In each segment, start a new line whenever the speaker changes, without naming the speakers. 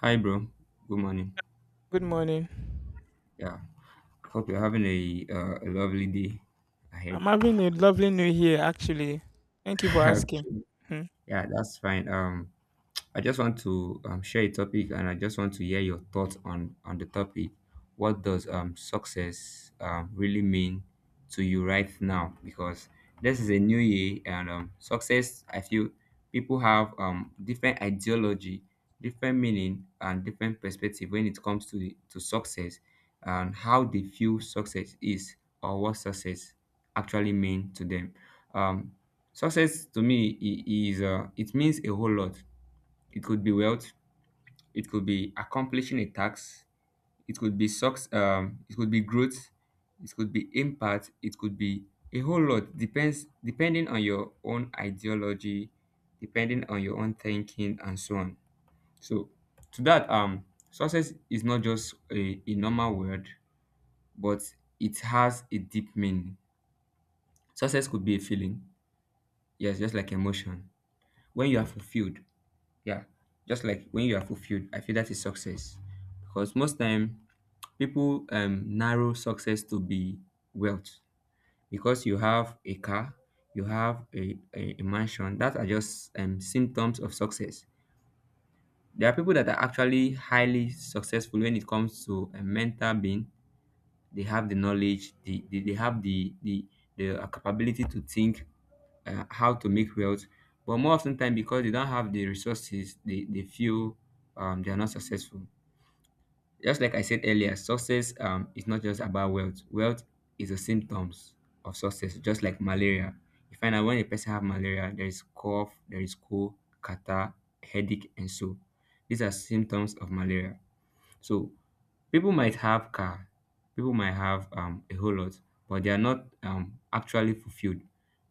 Hi, bro. Good morning.
Good morning.
Yeah, hope you're having a lovely day ahead.
I'm having a lovely new year, actually. Thank you for asking.
Okay.
Hmm.
Yeah, that's fine. I just want to share a topic, and I just want to hear your thoughts on the topic. What does success really mean to you right now? Because this is a new year, and success. I feel people have different ideology, different meaning, and different perspective when it comes to to success, and how they feel success is, or what success actually mean to them. Um, success to me is it means a whole lot. It could be wealth. It could be accomplishing a task. It could be success. It could be growth. It could be impact. It could be a whole lot. Depends Depending on your own ideology, depending on your own thinking, and so on. So to that, success is not just a normal word, but it has a deep meaning. Success could be a feeling. Yes, just like emotion. When you are fulfilled, yeah, just like when you are fulfilled, I feel that is success, because most time people narrow success to be wealth. Because you have a car, you have a mansion, that are just symptoms of success. There are people that are actually highly successful when it comes to a mental being. They have the knowledge, they have the capability to think how to make wealth. But more often time, because they don't have the resources, they feel they are not successful. Just like I said earlier, success is not just about wealth. Wealth is the symptoms of success, just like malaria. You find out when a person have malaria, there is cough, there is cold, catarrh, headache, and so these are symptoms of malaria. So people might have car, people might have a whole lot, but they are not actually fulfilled.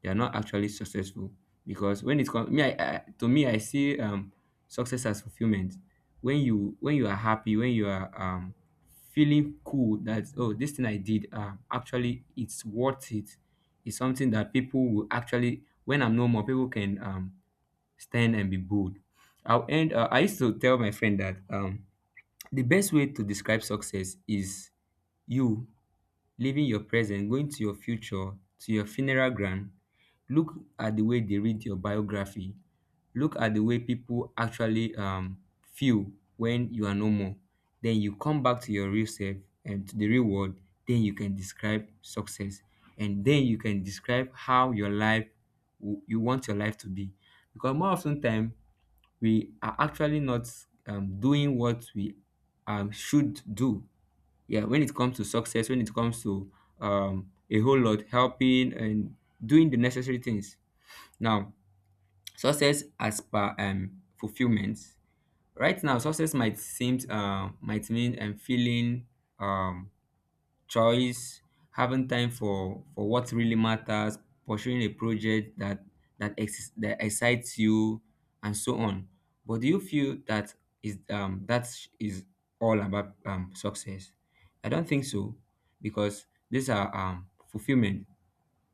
They are not actually successful. Because when it comes, to me, I see success as fulfillment. When you are happy, when you are feeling cool that, oh, this thing I did actually it's worth it. It's something that people will actually, when I'm no more, people can stand and be bold. I'll end. I used to tell my friend that the best way to describe success is you living your present, going to your future, to your funeral ground. Look at the way they read your biography. Look at the way people actually feel when you are no more. Then you come back to your real self and to the real world. Then you can describe success. And then you can describe how your life you want your life to be. Because more often time we are actually not doing what we should do. Yeah, when it comes to success, when it comes to a whole lot, helping and doing the necessary things. Now, success as per fulfillment. Right now, success might seem might mean feeling um, choice, having time for what really matters, pursuing a project that excites you, and so on. But do you feel that is is all about success? I don't think so, because these are fulfillment.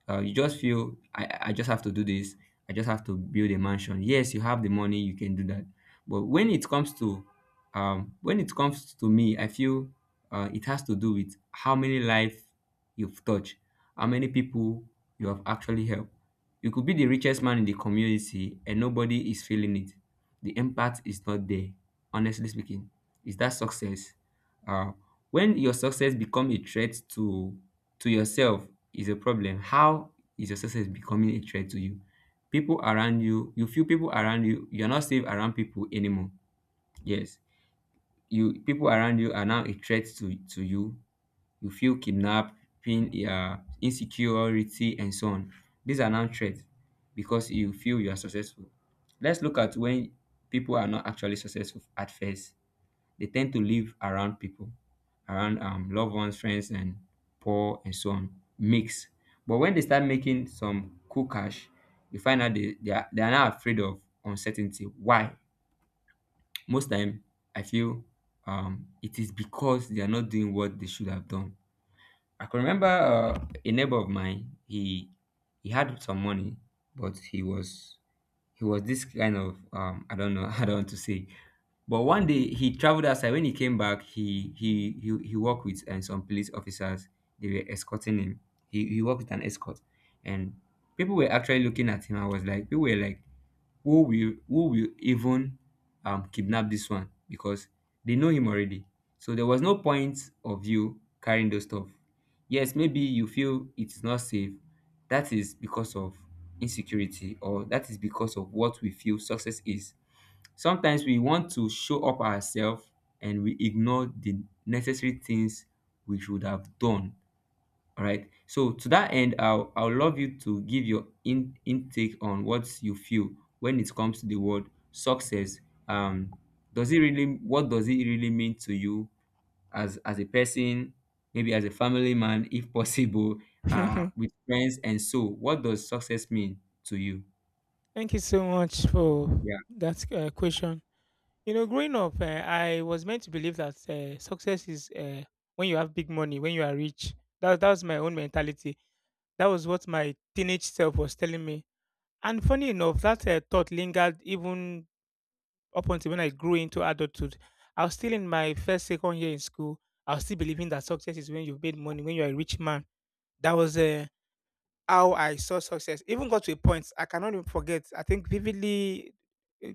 Uh, you just feel, I just have to do this. I just have to build a mansion. Yes, you have the money, you can do that. But when it comes to when it comes to me, I feel it has to do with how many life you've touched, how many people you have actually helped. You could be the richest man in the community and nobody is feeling it. The impact is not there. Honestly speaking, is that success? Uh, when your success become a threat to yourself, is a problem. How is your success becoming a threat to you? People around you, you feel people around you, you're not safe around people anymore. Yes. You, people around you are now a threat to you. You feel kidnapping, insecurity, and so on. These are now threats because you feel you are successful. Let's look at when people are not actually successful at first. They tend to live around people, around loved ones, friends, and poor and so on. Mix. But when they start making some cool cash, you find out they are now afraid of uncertainty. Why? Most time, I feel it is because they are not doing what they should have done. I can remember a neighbor of mine. He had some money, but he was this kind of um, I don't know. I don't want to say, but one day he traveled outside. When he came back, he worked with some police officers. They were escorting him. He worked with an escort. And people were actually looking at him. I was like, people were like, who will even kidnap this one, because they know him already. So there was no point of you carrying those stuff. Yes, maybe you feel it's not safe. That is because of insecurity, or that is because of what we feel success is. Sometimes we want to show up ourselves and we ignore the necessary things we should have done. All right. So to that end, I'll love you to give your in intake on what you feel when it comes to the word success. Um, does it really, what does it really mean to you as a person, maybe as a family man, if possible, with friends, and so what does success mean to you?
Thank you so much for
Yeah.
that question. Growing up, I was meant to believe that success is, when you have big money, when you are rich. That was my own mentality. That was what my teenage self was telling me. And funny enough, that thought lingered even up until when I grew into adulthood. I was still in my first, second year in school. I was still believing that success is when you've made money, when you're a rich man. That was, how I saw success. Even got to a point I cannot even forget. I think vividly, uh,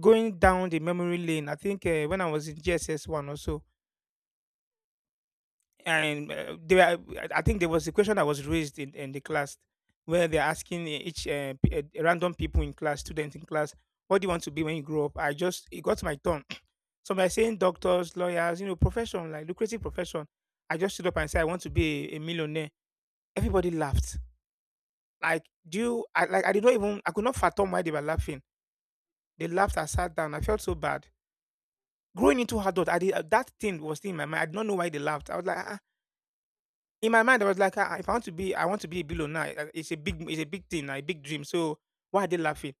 going down the memory lane. I think, when I was in GSS one or so, and, there, I think there was a question that was raised in the class, where they're asking each, random people in class, students in class, what do you want to be when you grow up? I just it got my turn. So, by saying doctors, lawyers, profession, like lucrative profession, I just stood up and said I want to be a millionaire. Everybody laughed. Like, do you, I, like, I did not even, I could not fathom why they were laughing. They laughed. I sat down. I felt so bad. Growing into adult, I did, that thing was still in my mind. I did not know why they laughed. I was like, ah. Ah. In my mind, I was like, ah, if I want to be, I want to be a billionaire. Ah, it's a big, it's a big thing, a big dream. So why are they laughing?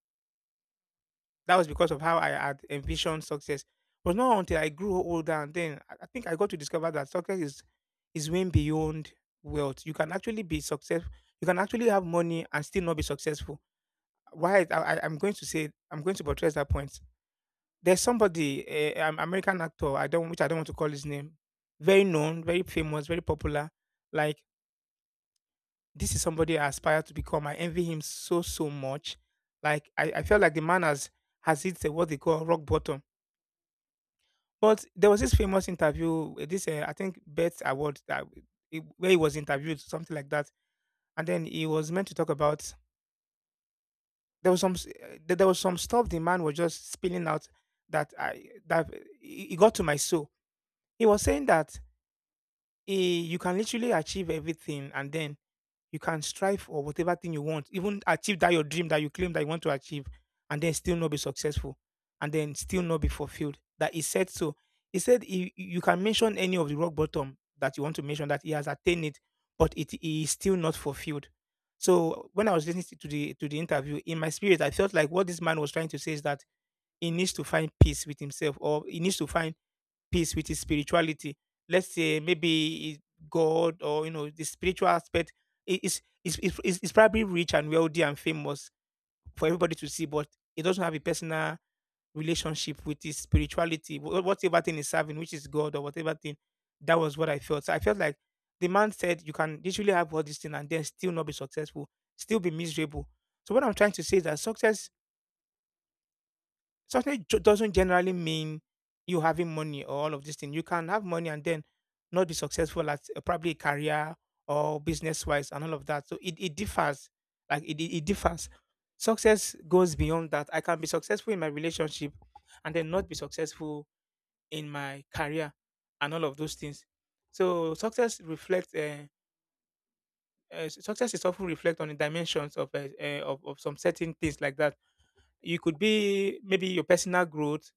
That was because of how I had envisioned success. But not until I grew older, and then I think I got to discover that success is, way beyond wealth. You can actually be successful. You can actually have money and still not be successful. Why, I'm going to buttress that point. There's somebody, a an American actor, I don't want to call his name. Very known, very famous, very popular. Like, this is somebody I aspire to become. I envy him so much. Like, I felt like the man has hit, what they call rock bottom. But there was this famous interview, this, I think, Best Award that, where he was interviewed, something like that, and then he was meant to talk about. There was some, there, was some stuff the man was just spilling out, that it got to my soul. He was saying that, you can literally achieve everything, and then you can strive for whatever thing you want, even achieve that your dream that you claim that you want to achieve, and then still not be successful, and then still not be fulfilled. That he said so. He said, you can mention any of the rock bottom that you want to mention, that he has attained it, but it he is still not fulfilled. So when I was listening to the interview, in my spirit, I felt like what this man was trying to say is that he needs to find peace with himself, or he needs to find peace with his spirituality. Let's say, maybe, God, or the spiritual aspect, is probably rich and wealthy and famous for everybody to see, but it doesn't have a personal relationship with his spirituality, whatever thing is serving, which is God or whatever thing. That was what I felt. So I felt like the man said you can literally have all these things and then still not be successful, still be miserable. So what I'm trying to say is that success doesn't generally mean you having money, or all of these things. You can have money and then not be successful at, probably, career or business wise, and all of that. So it differs. Like it differs. Success goes beyond that. I can be successful in my relationship and then not be successful in my career and all of those things. So success reflects. Success is often reflect on the dimensions of, of, some certain things like that. You could be, maybe, your personal growth,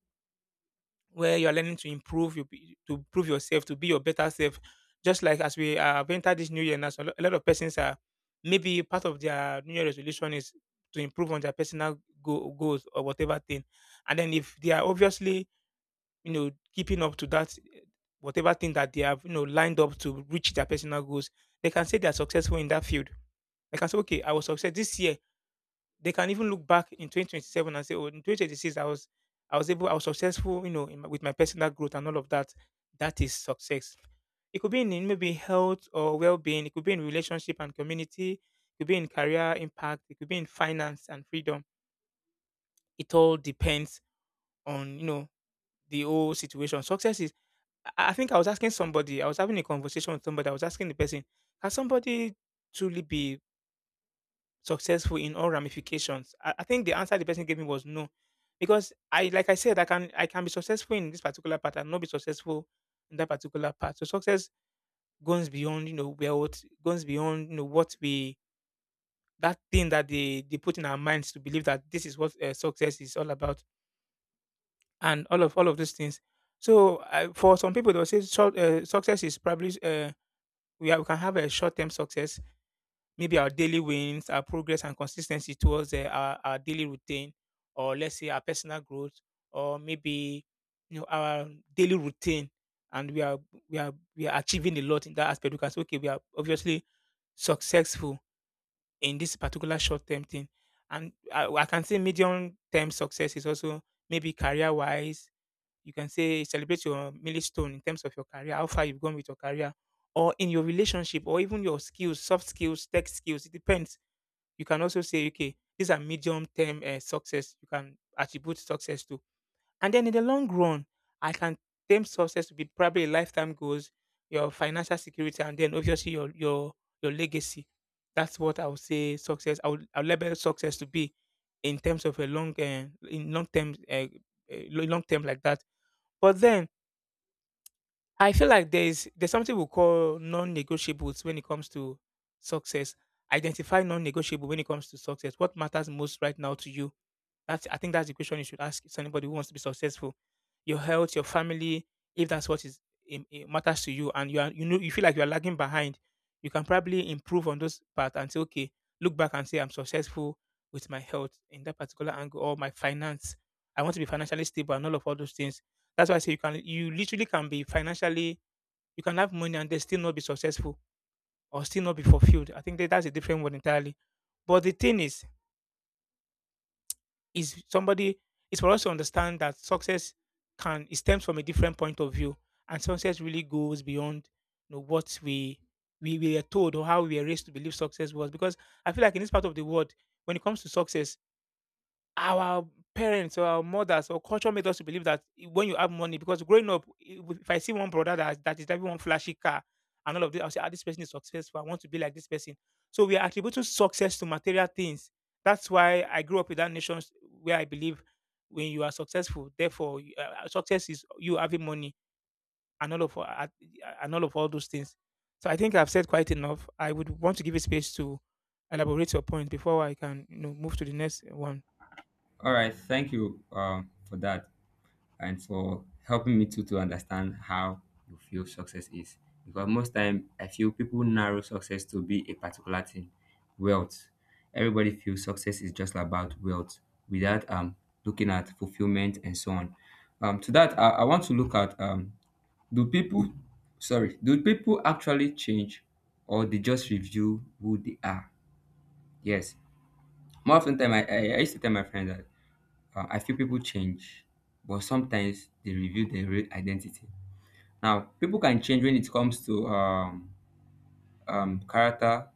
where you're learning to improve, to prove yourself, to be your better self. Just like as we, have entered this new year now, so a lot of persons are, maybe, part of their new year resolution is to improve on their personal goals or whatever thing. And then, if they are, obviously, keeping up to that, whatever thing that they have, lined up to reach their personal goals, they can say they are successful in that field. They can say, okay, I was success this year. They can even look back in 2027 and say, "Oh, in 2026, I was able, I was successful, in with my personal growth and all of that." That is success. It could be in, maybe, health or well-being. It could be in relationship and community. It could be in career impact. It could be in finance and freedom. It all depends on, the whole situation. Success is. I think I was asking somebody. I was having a conversation with somebody. I was asking the person, can somebody truly be successful in all ramifications? I think the answer the person gave me was no, because, I, like I said, I can be successful in this particular part and not be successful in that particular part. So success goes beyond, where, what goes beyond, what we, that thing that they put in our minds, to believe that this is what, success is all about, and all of these things. So, for some people, they'll say, so, success is probably, we, are, we can have a short term success, maybe our daily wins, our progress and consistency towards, our daily routine, or let's say our personal growth, or maybe, our daily routine, and we are achieving a lot in that aspect, because, okay, we are obviously successful in this particular short term thing, and I can say medium term success is also, maybe, career wise. You can say celebrate your milestone in terms of your career, how far you've gone with your career, or in your relationship, or even your skills, soft skills, tech skills. It depends. You can also say, okay, these are medium term, success you can attribute success to. And then in the long run, I can term success to be probably lifetime goals, your financial security, and then obviously, your legacy. That's what I would say success. I would label success to be in terms of a long, in long term, like that. But then, I feel like there's something we call non-negotiables when it comes to success. Identify non-negotiable when it comes to success. What matters most right now to you? That's I think that's the question you should ask anybody who wants to be successful. Your health, your family, if that's what, is it matters to you, and you are, you feel like you are lagging behind, you can probably improve on those parts and say, okay, look back and say, I'm successful with my health in that particular angle, or my finance. I want to be financially stable and all those things. That's why I say, you can, you literally can be financially, you can have money and they still not be successful, or still not be fulfilled. I think that's a different one entirely. But the thing is somebody, it's for us to understand that success can, it stems from a different point of view, and success really goes beyond, what we, were told, or how we were raised to believe success was. Because I feel like, in this part of the world, when it comes to success, our parents or our mothers or culture made us to believe that, I when you have money. Because growing up, I w if I see one brother that is driving one flashy car and all of this, I'll say, "Ah, this person is successful. I want to be like this person." So we are attributing success to material things. That's why I grew up with that nation where I believe when you are successful, therefore, you success is you having money and all of a and all of all those things. So I think I've said quite enough. I would want to give a space to elaborate your point before I can, move to the next one.
All right. Thank you for that, and for helping me too to understand how you feel success is. Because most time I feel people narrow success to be a particular thing, wealth. Everybody feels success is just about wealth without looking at fulfillment and so on. To that, I want to look at um, do people, sorry, do people actually change, or they just review who they are? Yes. More often time, I used to tell my friends that I feel people change, but sometimes they reveal their real identity. Now, people can change when it comes to character,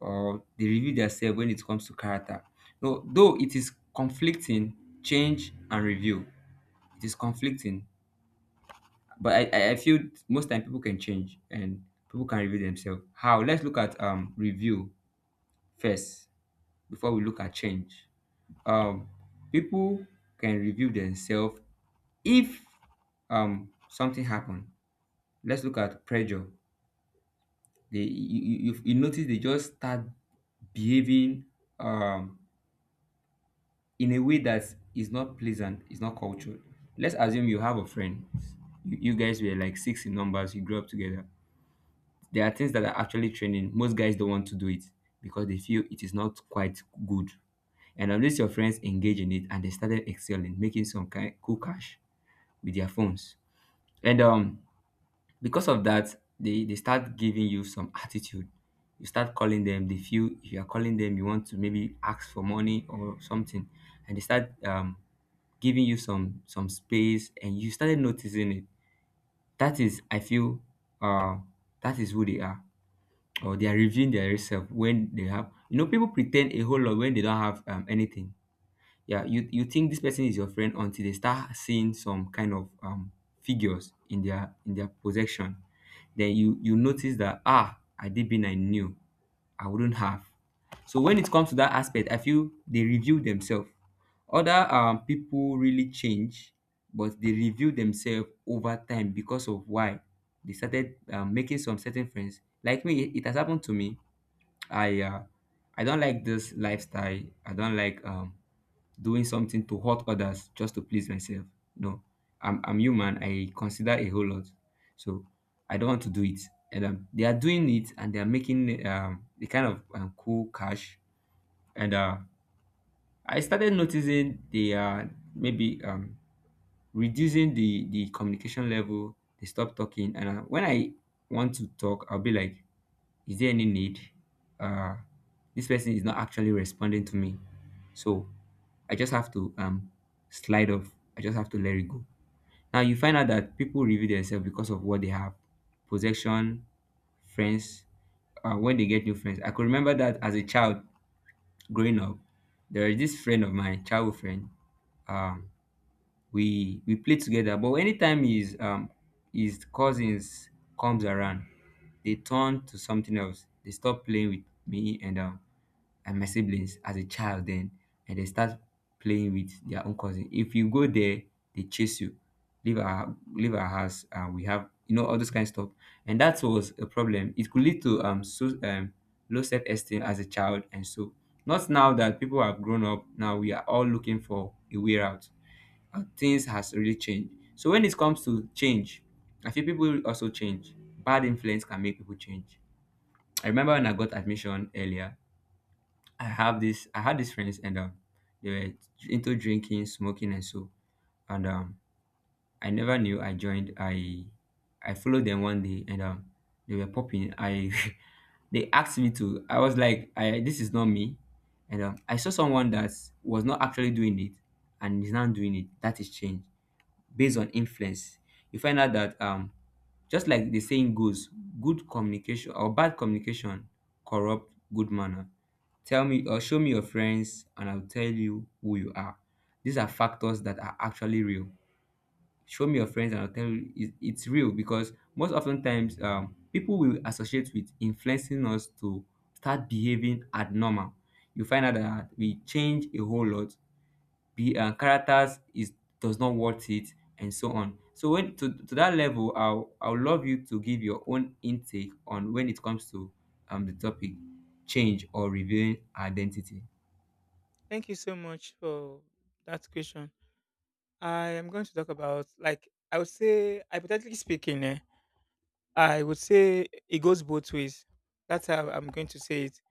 or they reveal themselves when it comes to character. No, though it is conflicting, change and review. It is conflicting, but I feel most time people can change and people can reveal themselves. How? Let's look at review first before we look at change. Um, people can reveal themselves if something happened. Let's look at pressure. They you, you, you You notice they just start behaving um in a way that is not pleasant, is not cultured. Let's assume you have a friend. You guys were like six in numbers, you grew up together. There are things that are actually training most guys don't want to do, it because they feel it is not quite good. And unless your friends engage in it and they started excelling, making some kind cool cash with their phones. And um, because of that, they start giving you some attitude. You start calling them, they feel if you are calling them, you want to maybe ask for money or something. And they start giving you some space, and you started noticing it. That is, I feel uh, that is who they are, or they are reviewing their self. When they have, you know, people pretend a whole lot when they don't have anything. Yeah, you think this person is your friend until they start seeing some kind of um, figures in their possession. Then you notice that, ah, I did been, I knew, I wouldn't have. So when it comes to that aspect, I feel they review themselves. Other people really change, but they review themselves over time. Because of why? They started making some certain friends. Like me, it has happened to me. I I don't like this lifestyle. I don't like doing something to hurt others just to please myself. No, I'm human. I consider a whole lot. So I don't want to do it. And they are doing it, and they are making the kind of cool cash. And I started noticing they are maybe reducing the communication level. They stop talking. And when I want to talk, I'll be like, is there any need uh this person is not actually responding to me, so I just have to slide off. I just have to let it go. Now you find out that people review themselves because of what they have, possession, friends, when they get new friends. I could remember that as a child growing up, there is this friend of mine, childhood friend. um we play together, but anytime his cousins comes around, they turn to something else. They stop playing with me and my siblings as a child then, and they start playing with their own cousin. If you go there, they chase you, leave our house, and we have, you know, all those kind of stuff. And that was a problem. It could lead to low self-esteem as a child. And so, not now that people have grown up, now we are all looking for a way out. Things has really changed. So when it comes to change, I feel people also change. Bad influence can make people change. I remember when I got admission earlier, I have this I had these friends, and they were into drinking, smoking, and so. And I never knew I joined. I followed them one day, and they were popping. I they asked me to I was like, I this is not me. And I saw someone that was not actually doing it and is now doing it. That is change based on influence. You find out that just like the saying goes, good communication or bad communication corrupt good manner. Tell me or show me your friends and I'll tell you who you are. These are factors that are actually real. Show me your friends and I'll tell you it's real, because most often times people will associate with influencing us to start behaving abnormal. You find out that we change a whole lot. Be characters is does not worth it, and so on. So when to, that level, I'll love you to give your own intake on when it comes to the topic, change or revealing identity.
Thank you so much for that question. I am going to talk about like I would say hypothetically speaking, I would say it goes both ways. That's how I'm going to say it.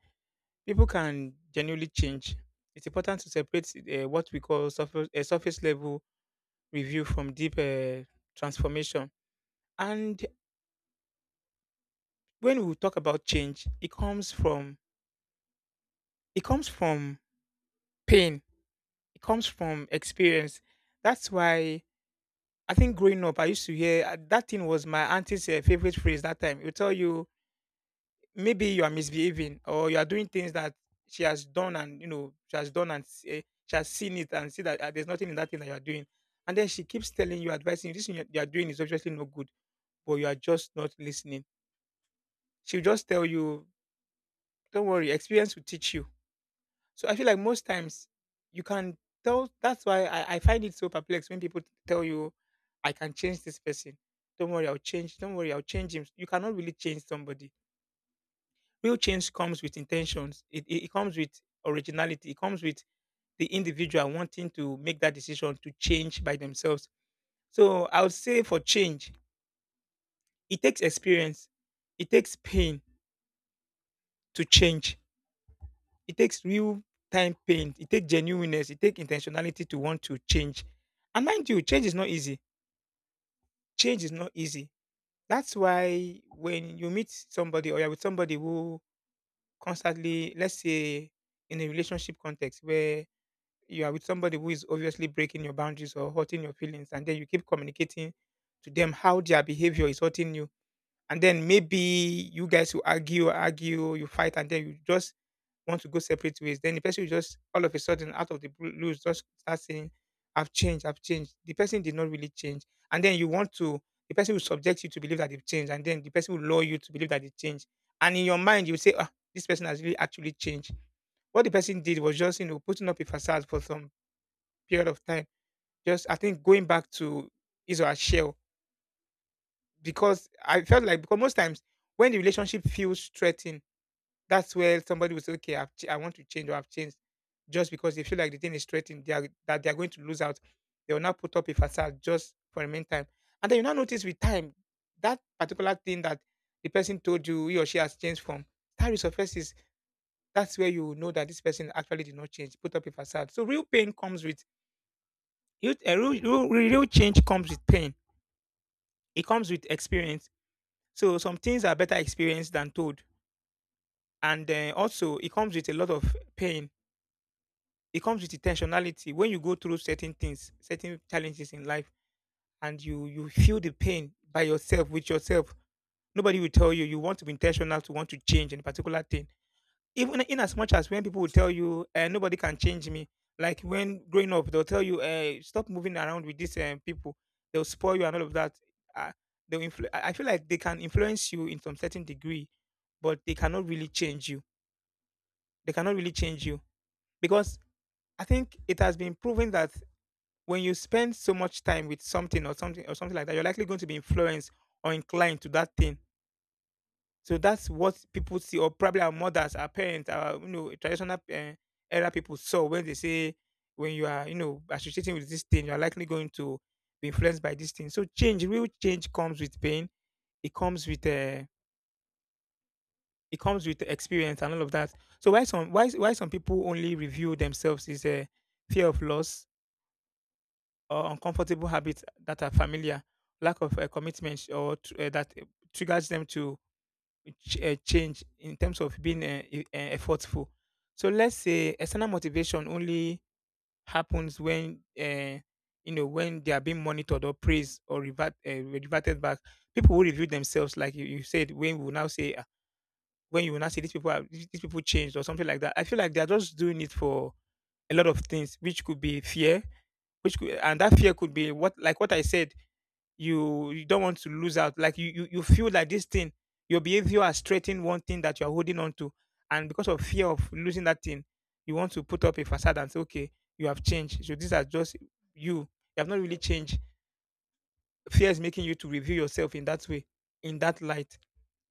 People can genuinely change. It's important to separate what we call surface, surface level review from deep transformation. And when we talk about change, it comes from pain. It comes from experience. That's why I think growing up, I used to hear that thing was my auntie's favorite phrase that time. It will tell you maybe you are misbehaving or you are doing things that she has done and you know she has done and she has seen it and see that there's nothing in that thing that you are doing. And then she keeps telling you, advising you, this thing you are doing is obviously no good, but you are just not listening. She'll just tell you, don't worry, experience will teach you. So I feel like most times you can tell. That's why I find it so perplexed when people tell you, I can change this person. Don't worry, I'll change. Don't worry, I'll change him. You cannot really change somebody. Real change comes with intentions, it comes with originality, it comes with the individual wanting to make that decision to change by themselves. So I would say for change, it takes experience, it takes pain to change. It takes real time pain. It takes genuineness. It takes intentionality to want to change. And mind you, change is not easy. Change is not easy. That's why when you meet somebody or you're with somebody who constantly, let's say, in a relationship context where you are with somebody who is obviously breaking your boundaries or hurting your feelings, and then you keep communicating to them how their behavior is hurting you, and then maybe you guys will argue, argue, you fight, and then you just want to go separate ways. Then the person will just all of a sudden out of the blue, just start saying, I've changed, I've changed. The person did not really change. And then you want to the person will subject you to believe that they've changed, and then the person will lure you to believe that they changed. And in your mind, you will say, ah, this person has really actually changed. What the person did was just, you know, putting up a facade for some period of time. Just I think going back to his or her shell. Because I felt like because most times when the relationship feels threatened, that's where somebody will say, "Okay, I want to change or I've changed," just because they feel like the thing is threatened, that they are going to lose out. They will not put up a facade just for a meantime, and then you now notice with time that particular thing that the person told you he or she has changed from, that resurfaces. That's where you know that this person actually did not change, put up a facade. So real pain comes with real change comes with pain. It comes with experience. So some things are better experienced than told, and also it comes with a lot of pain. It comes with intentionality. When you go through certain things, certain challenges in life, and you feel the pain by yourself with yourself, nobody will tell you. You want to be intentional to want to change in a particular thing. Even in as much as when people will tell you, nobody can change me. Like when growing up, they'll tell you, stop moving around with these people. They'll spoil you and all of that. Uh, I feel like they can influence you in some certain degree, but they cannot really change you. They cannot really change you because I think it has been proven that when you spend so much time with something or something or something like that, you're likely going to be influenced or inclined to that thing. So that's what people see, or probably our mothers, our parents, our you know traditional era people saw when they say when you are you know associating with this thing, you are likely going to be influenced by this thing. So change, real change comes with pain. It comes with uh, it comes with experience and all of that. So why some people only review themselves is a fear of loss or uncomfortable habits that are familiar, lack of commitment, that triggers them to change in terms of being effortful. So let's say external motivation only happens when you know when they are being monitored or praised or reverted back. People will review themselves, like you said. When we will now say "Ah, when you will now see these people are these people changed or something like that. I feel like they are just doing it for a lot of things, which could be fear, which could and that fear could be what like what I said you don't want to lose out. Like you feel like this thing, your behavior has straightened one thing that you're holding on to. And because of fear of losing that thing, you want to put up a facade and say, okay, you have changed. So these are just you. You have not really changed. Fear is making you to review yourself in that way, in that light.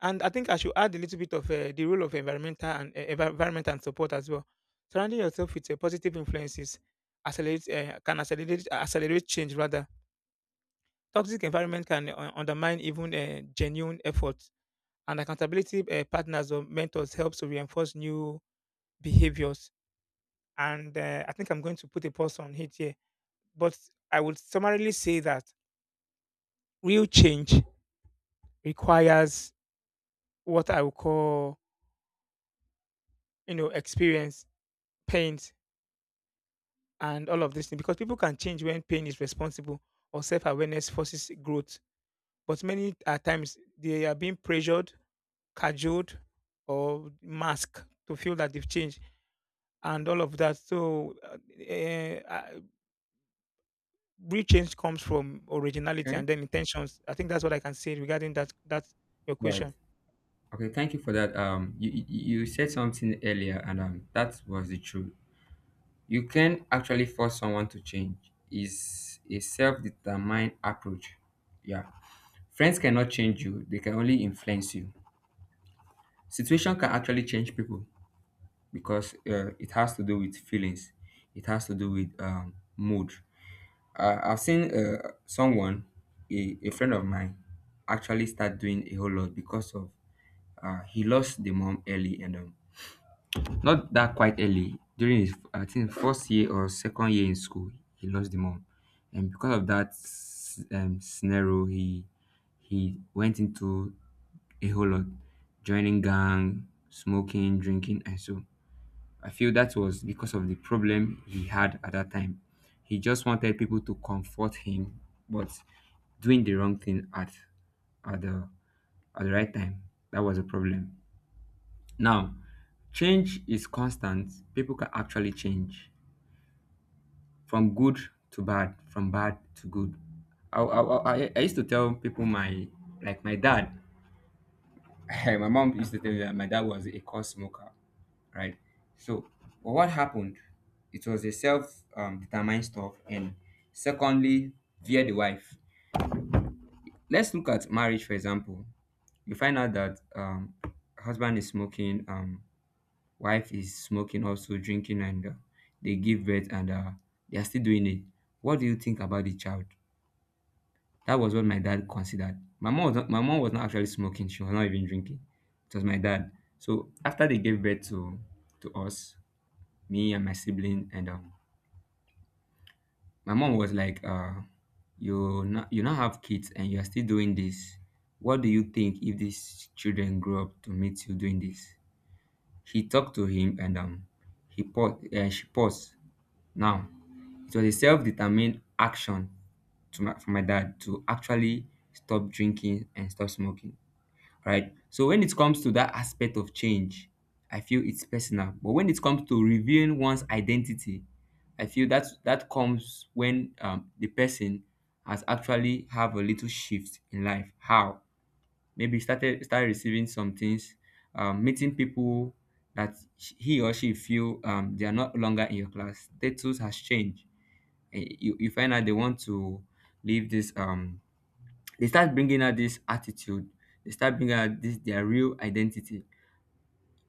And I think I should add a little bit of the role of environmental and environment and support as well. Surrounding yourself with positive influences accelerate can accelerate change rather. Toxic environment can undermine even genuine efforts, and accountability partners or mentors helps to reinforce new behaviors. And I think I'm going to put a pause on it here. But I would summarily say that real change requires what I would call, you know, experience, pain, and all of this thing because people can change when pain is responsible or self-awareness forces growth. But many at times they are being pressured, cajoled, or masked to feel that they've changed and all of that. So, real change comes from originality
Okay.
and then intentions. I think that's what I can say regarding that. That's your
Right.
question.
Okay, thank you for that. You said something earlier, and that was the truth. You can actually force someone to change, is a self-determined approach. Yeah, friends cannot change you, they can only influence you. Situation can actually change people, because it has to do with feelings. It has to do with mood. I've seen someone, a friend of mine, actually start doing a whole lot because of he lost the mom early, and not that quite early, during his I think first year or second year in school he lost the mom. And because of that scenario, he went into a whole lot, joining gang, smoking, drinking, and so. I feel that was because of the problem he had at that time. He just wanted people to comfort him, but doing the wrong thing at at the at the right time. That was a problem. Now, change is constant. People can actually change from good to bad, from bad to good. I, I, I used to tell people my, like my dad. My mom used to tell me that my dad was a core smoker, right? So, but what happened? It was a self determined stuff, and secondly, via the wife. Let's look at marriage, for example. You find out that husband is smoking, wife is smoking, also drinking, and they give birth, and they are still doing it. What do you think about the child? That was what my dad considered. My mom was not actually smoking, she was not even drinking. It was my dad. So after they gave birth to us, me and my sibling, and my mom was like, you not, you now have kids and you are still doing this. What do you think if these children grow up to meet you doing this? She talked to him, and she paused. Now, it was a self-determined action to for my dad to actually stop drinking and stop smoking, right? So when it comes to that aspect of change, I feel it's personal. But when it comes to revealing one's identity, I feel that that comes when the person has actually have a little shift in life. How? Maybe started receiving some things, meeting people that he or she feel they are not longer in your class. Status has changed. Eh, you find out they want to leave this they start bringing out this attitude, they start bringing out this their real identity.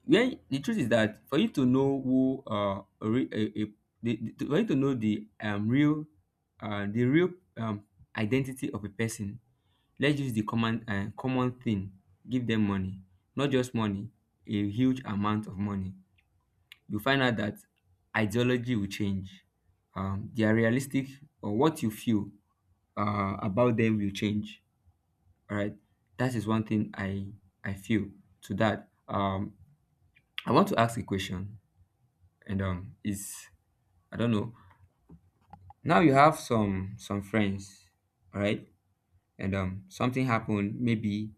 Where the truth is that for you to know who a, re- a the- for you to know the real the real um identity of a person, let's use the common common thing. Give them money, not just money, a huge amount of money. You find out that ideology will change. Their realistic or what you feel about them will change. All right, that is one thing I feel to that. I want to ask a question, and is I don't know. Now you have some friends, all right? And something happened, maybe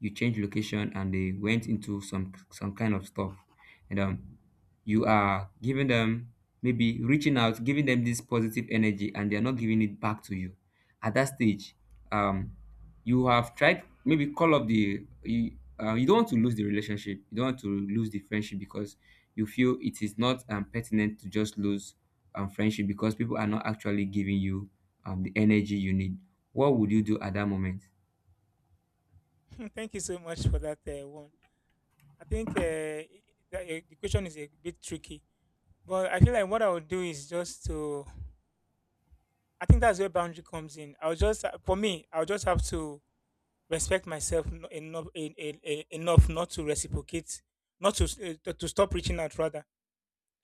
you changed location and they went into some kind of stuff. And you are giving them, maybe reaching out, giving them this positive energy, and they're not giving it back to you. At that stage, um you have tried, maybe call up you don't want to lose the relationship, you don't want to lose the friendship, because you feel it is not pertinent to just lose friendship because people are not actually giving you the energy you need. What would you do at that moment?
Thank you so much for that one. I think the question is a bit tricky, but I feel like what I would do is just to. I think that's where boundary comes in. I'll just, for me, I'll just have to respect myself enough en- en- en- enough not to reciprocate, not to s- eh, to stop reaching out rather.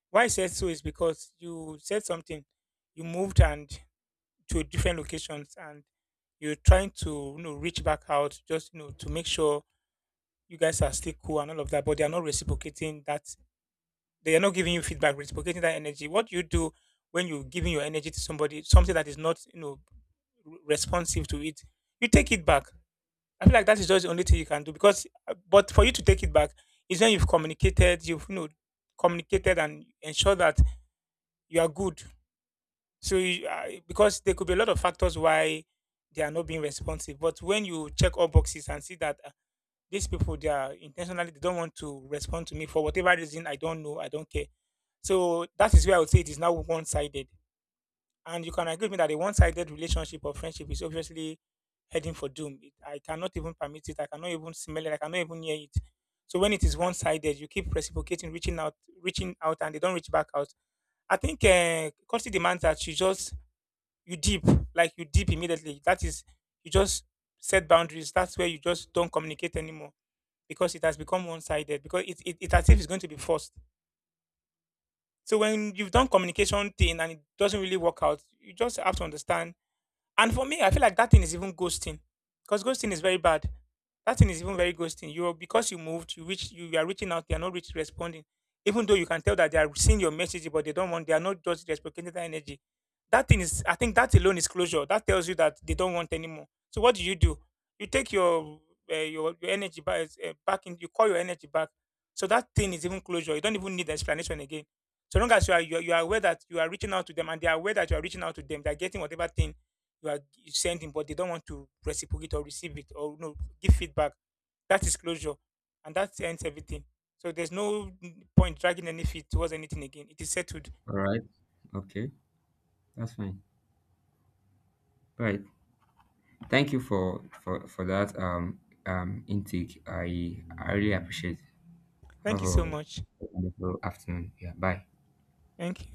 Why I said so is because you said something, you moved and to different locations, and you're trying to you know reach back out just you know to make sure you guys are still cool and all of that, but they are not reciprocating that, they are not giving you feedback, reciprocating that energy. What do you do when you're giving your energy to somebody something that is not you know responsive to it? You take it back. I feel like that is just the only thing you can do because, but for you to take it back is when you've communicated, you've you know communicated and ensure that you are good. So because there could be a lot of factors why they are not being responsive, but when you check all boxes and see that these people they are intentionally they don't want to respond to me for whatever reason, I don't know, I don't care. So that is where I would say it is now one sided. And you can agree with me that a one-sided relationship or friendship is obviously heading for doom. It, I cannot even permit it. I cannot even smell it. I cannot even hear it. So when it is one-sided, you keep reciprocating, reaching out, and they don't reach back out. I think courtesy demands that you just you deep, like you deep immediately. That is, you just set boundaries. That's where you just don't communicate anymore because it has become one-sided. Because it as if it's going to be forced. So when you've done communication thing and it doesn't really work out, you just have to understand, and for me, I feel like that thing is even ghosting, because ghosting is very bad. That thing is even very ghosting. You because you moved, you are reaching out, they are not reach responding, even though you can tell that they are seeing your message, but they don't want, they are not just reciprocating that energy. I think that alone is closure. That tells you that they don't want anymore. So what do? You take your your energy back, back in. You call your energy back. So that thing is even closure. You don't even need explanation again. So long as you are aware that you are reaching out to them and they are aware that you are reaching out to them, they are getting whatever thing you are sending, but they don't want to reciprocate or receive it or no give feedback. That is closure, and that ends everything. So there's no point dragging any feet towards anything again. It is settled.
All right. Okay. That's fine. All right. Thank you for that intake. I really appreciate. Have
Thank you so
a
much.
wonderful afternoon. Yeah. Bye.
Thank you.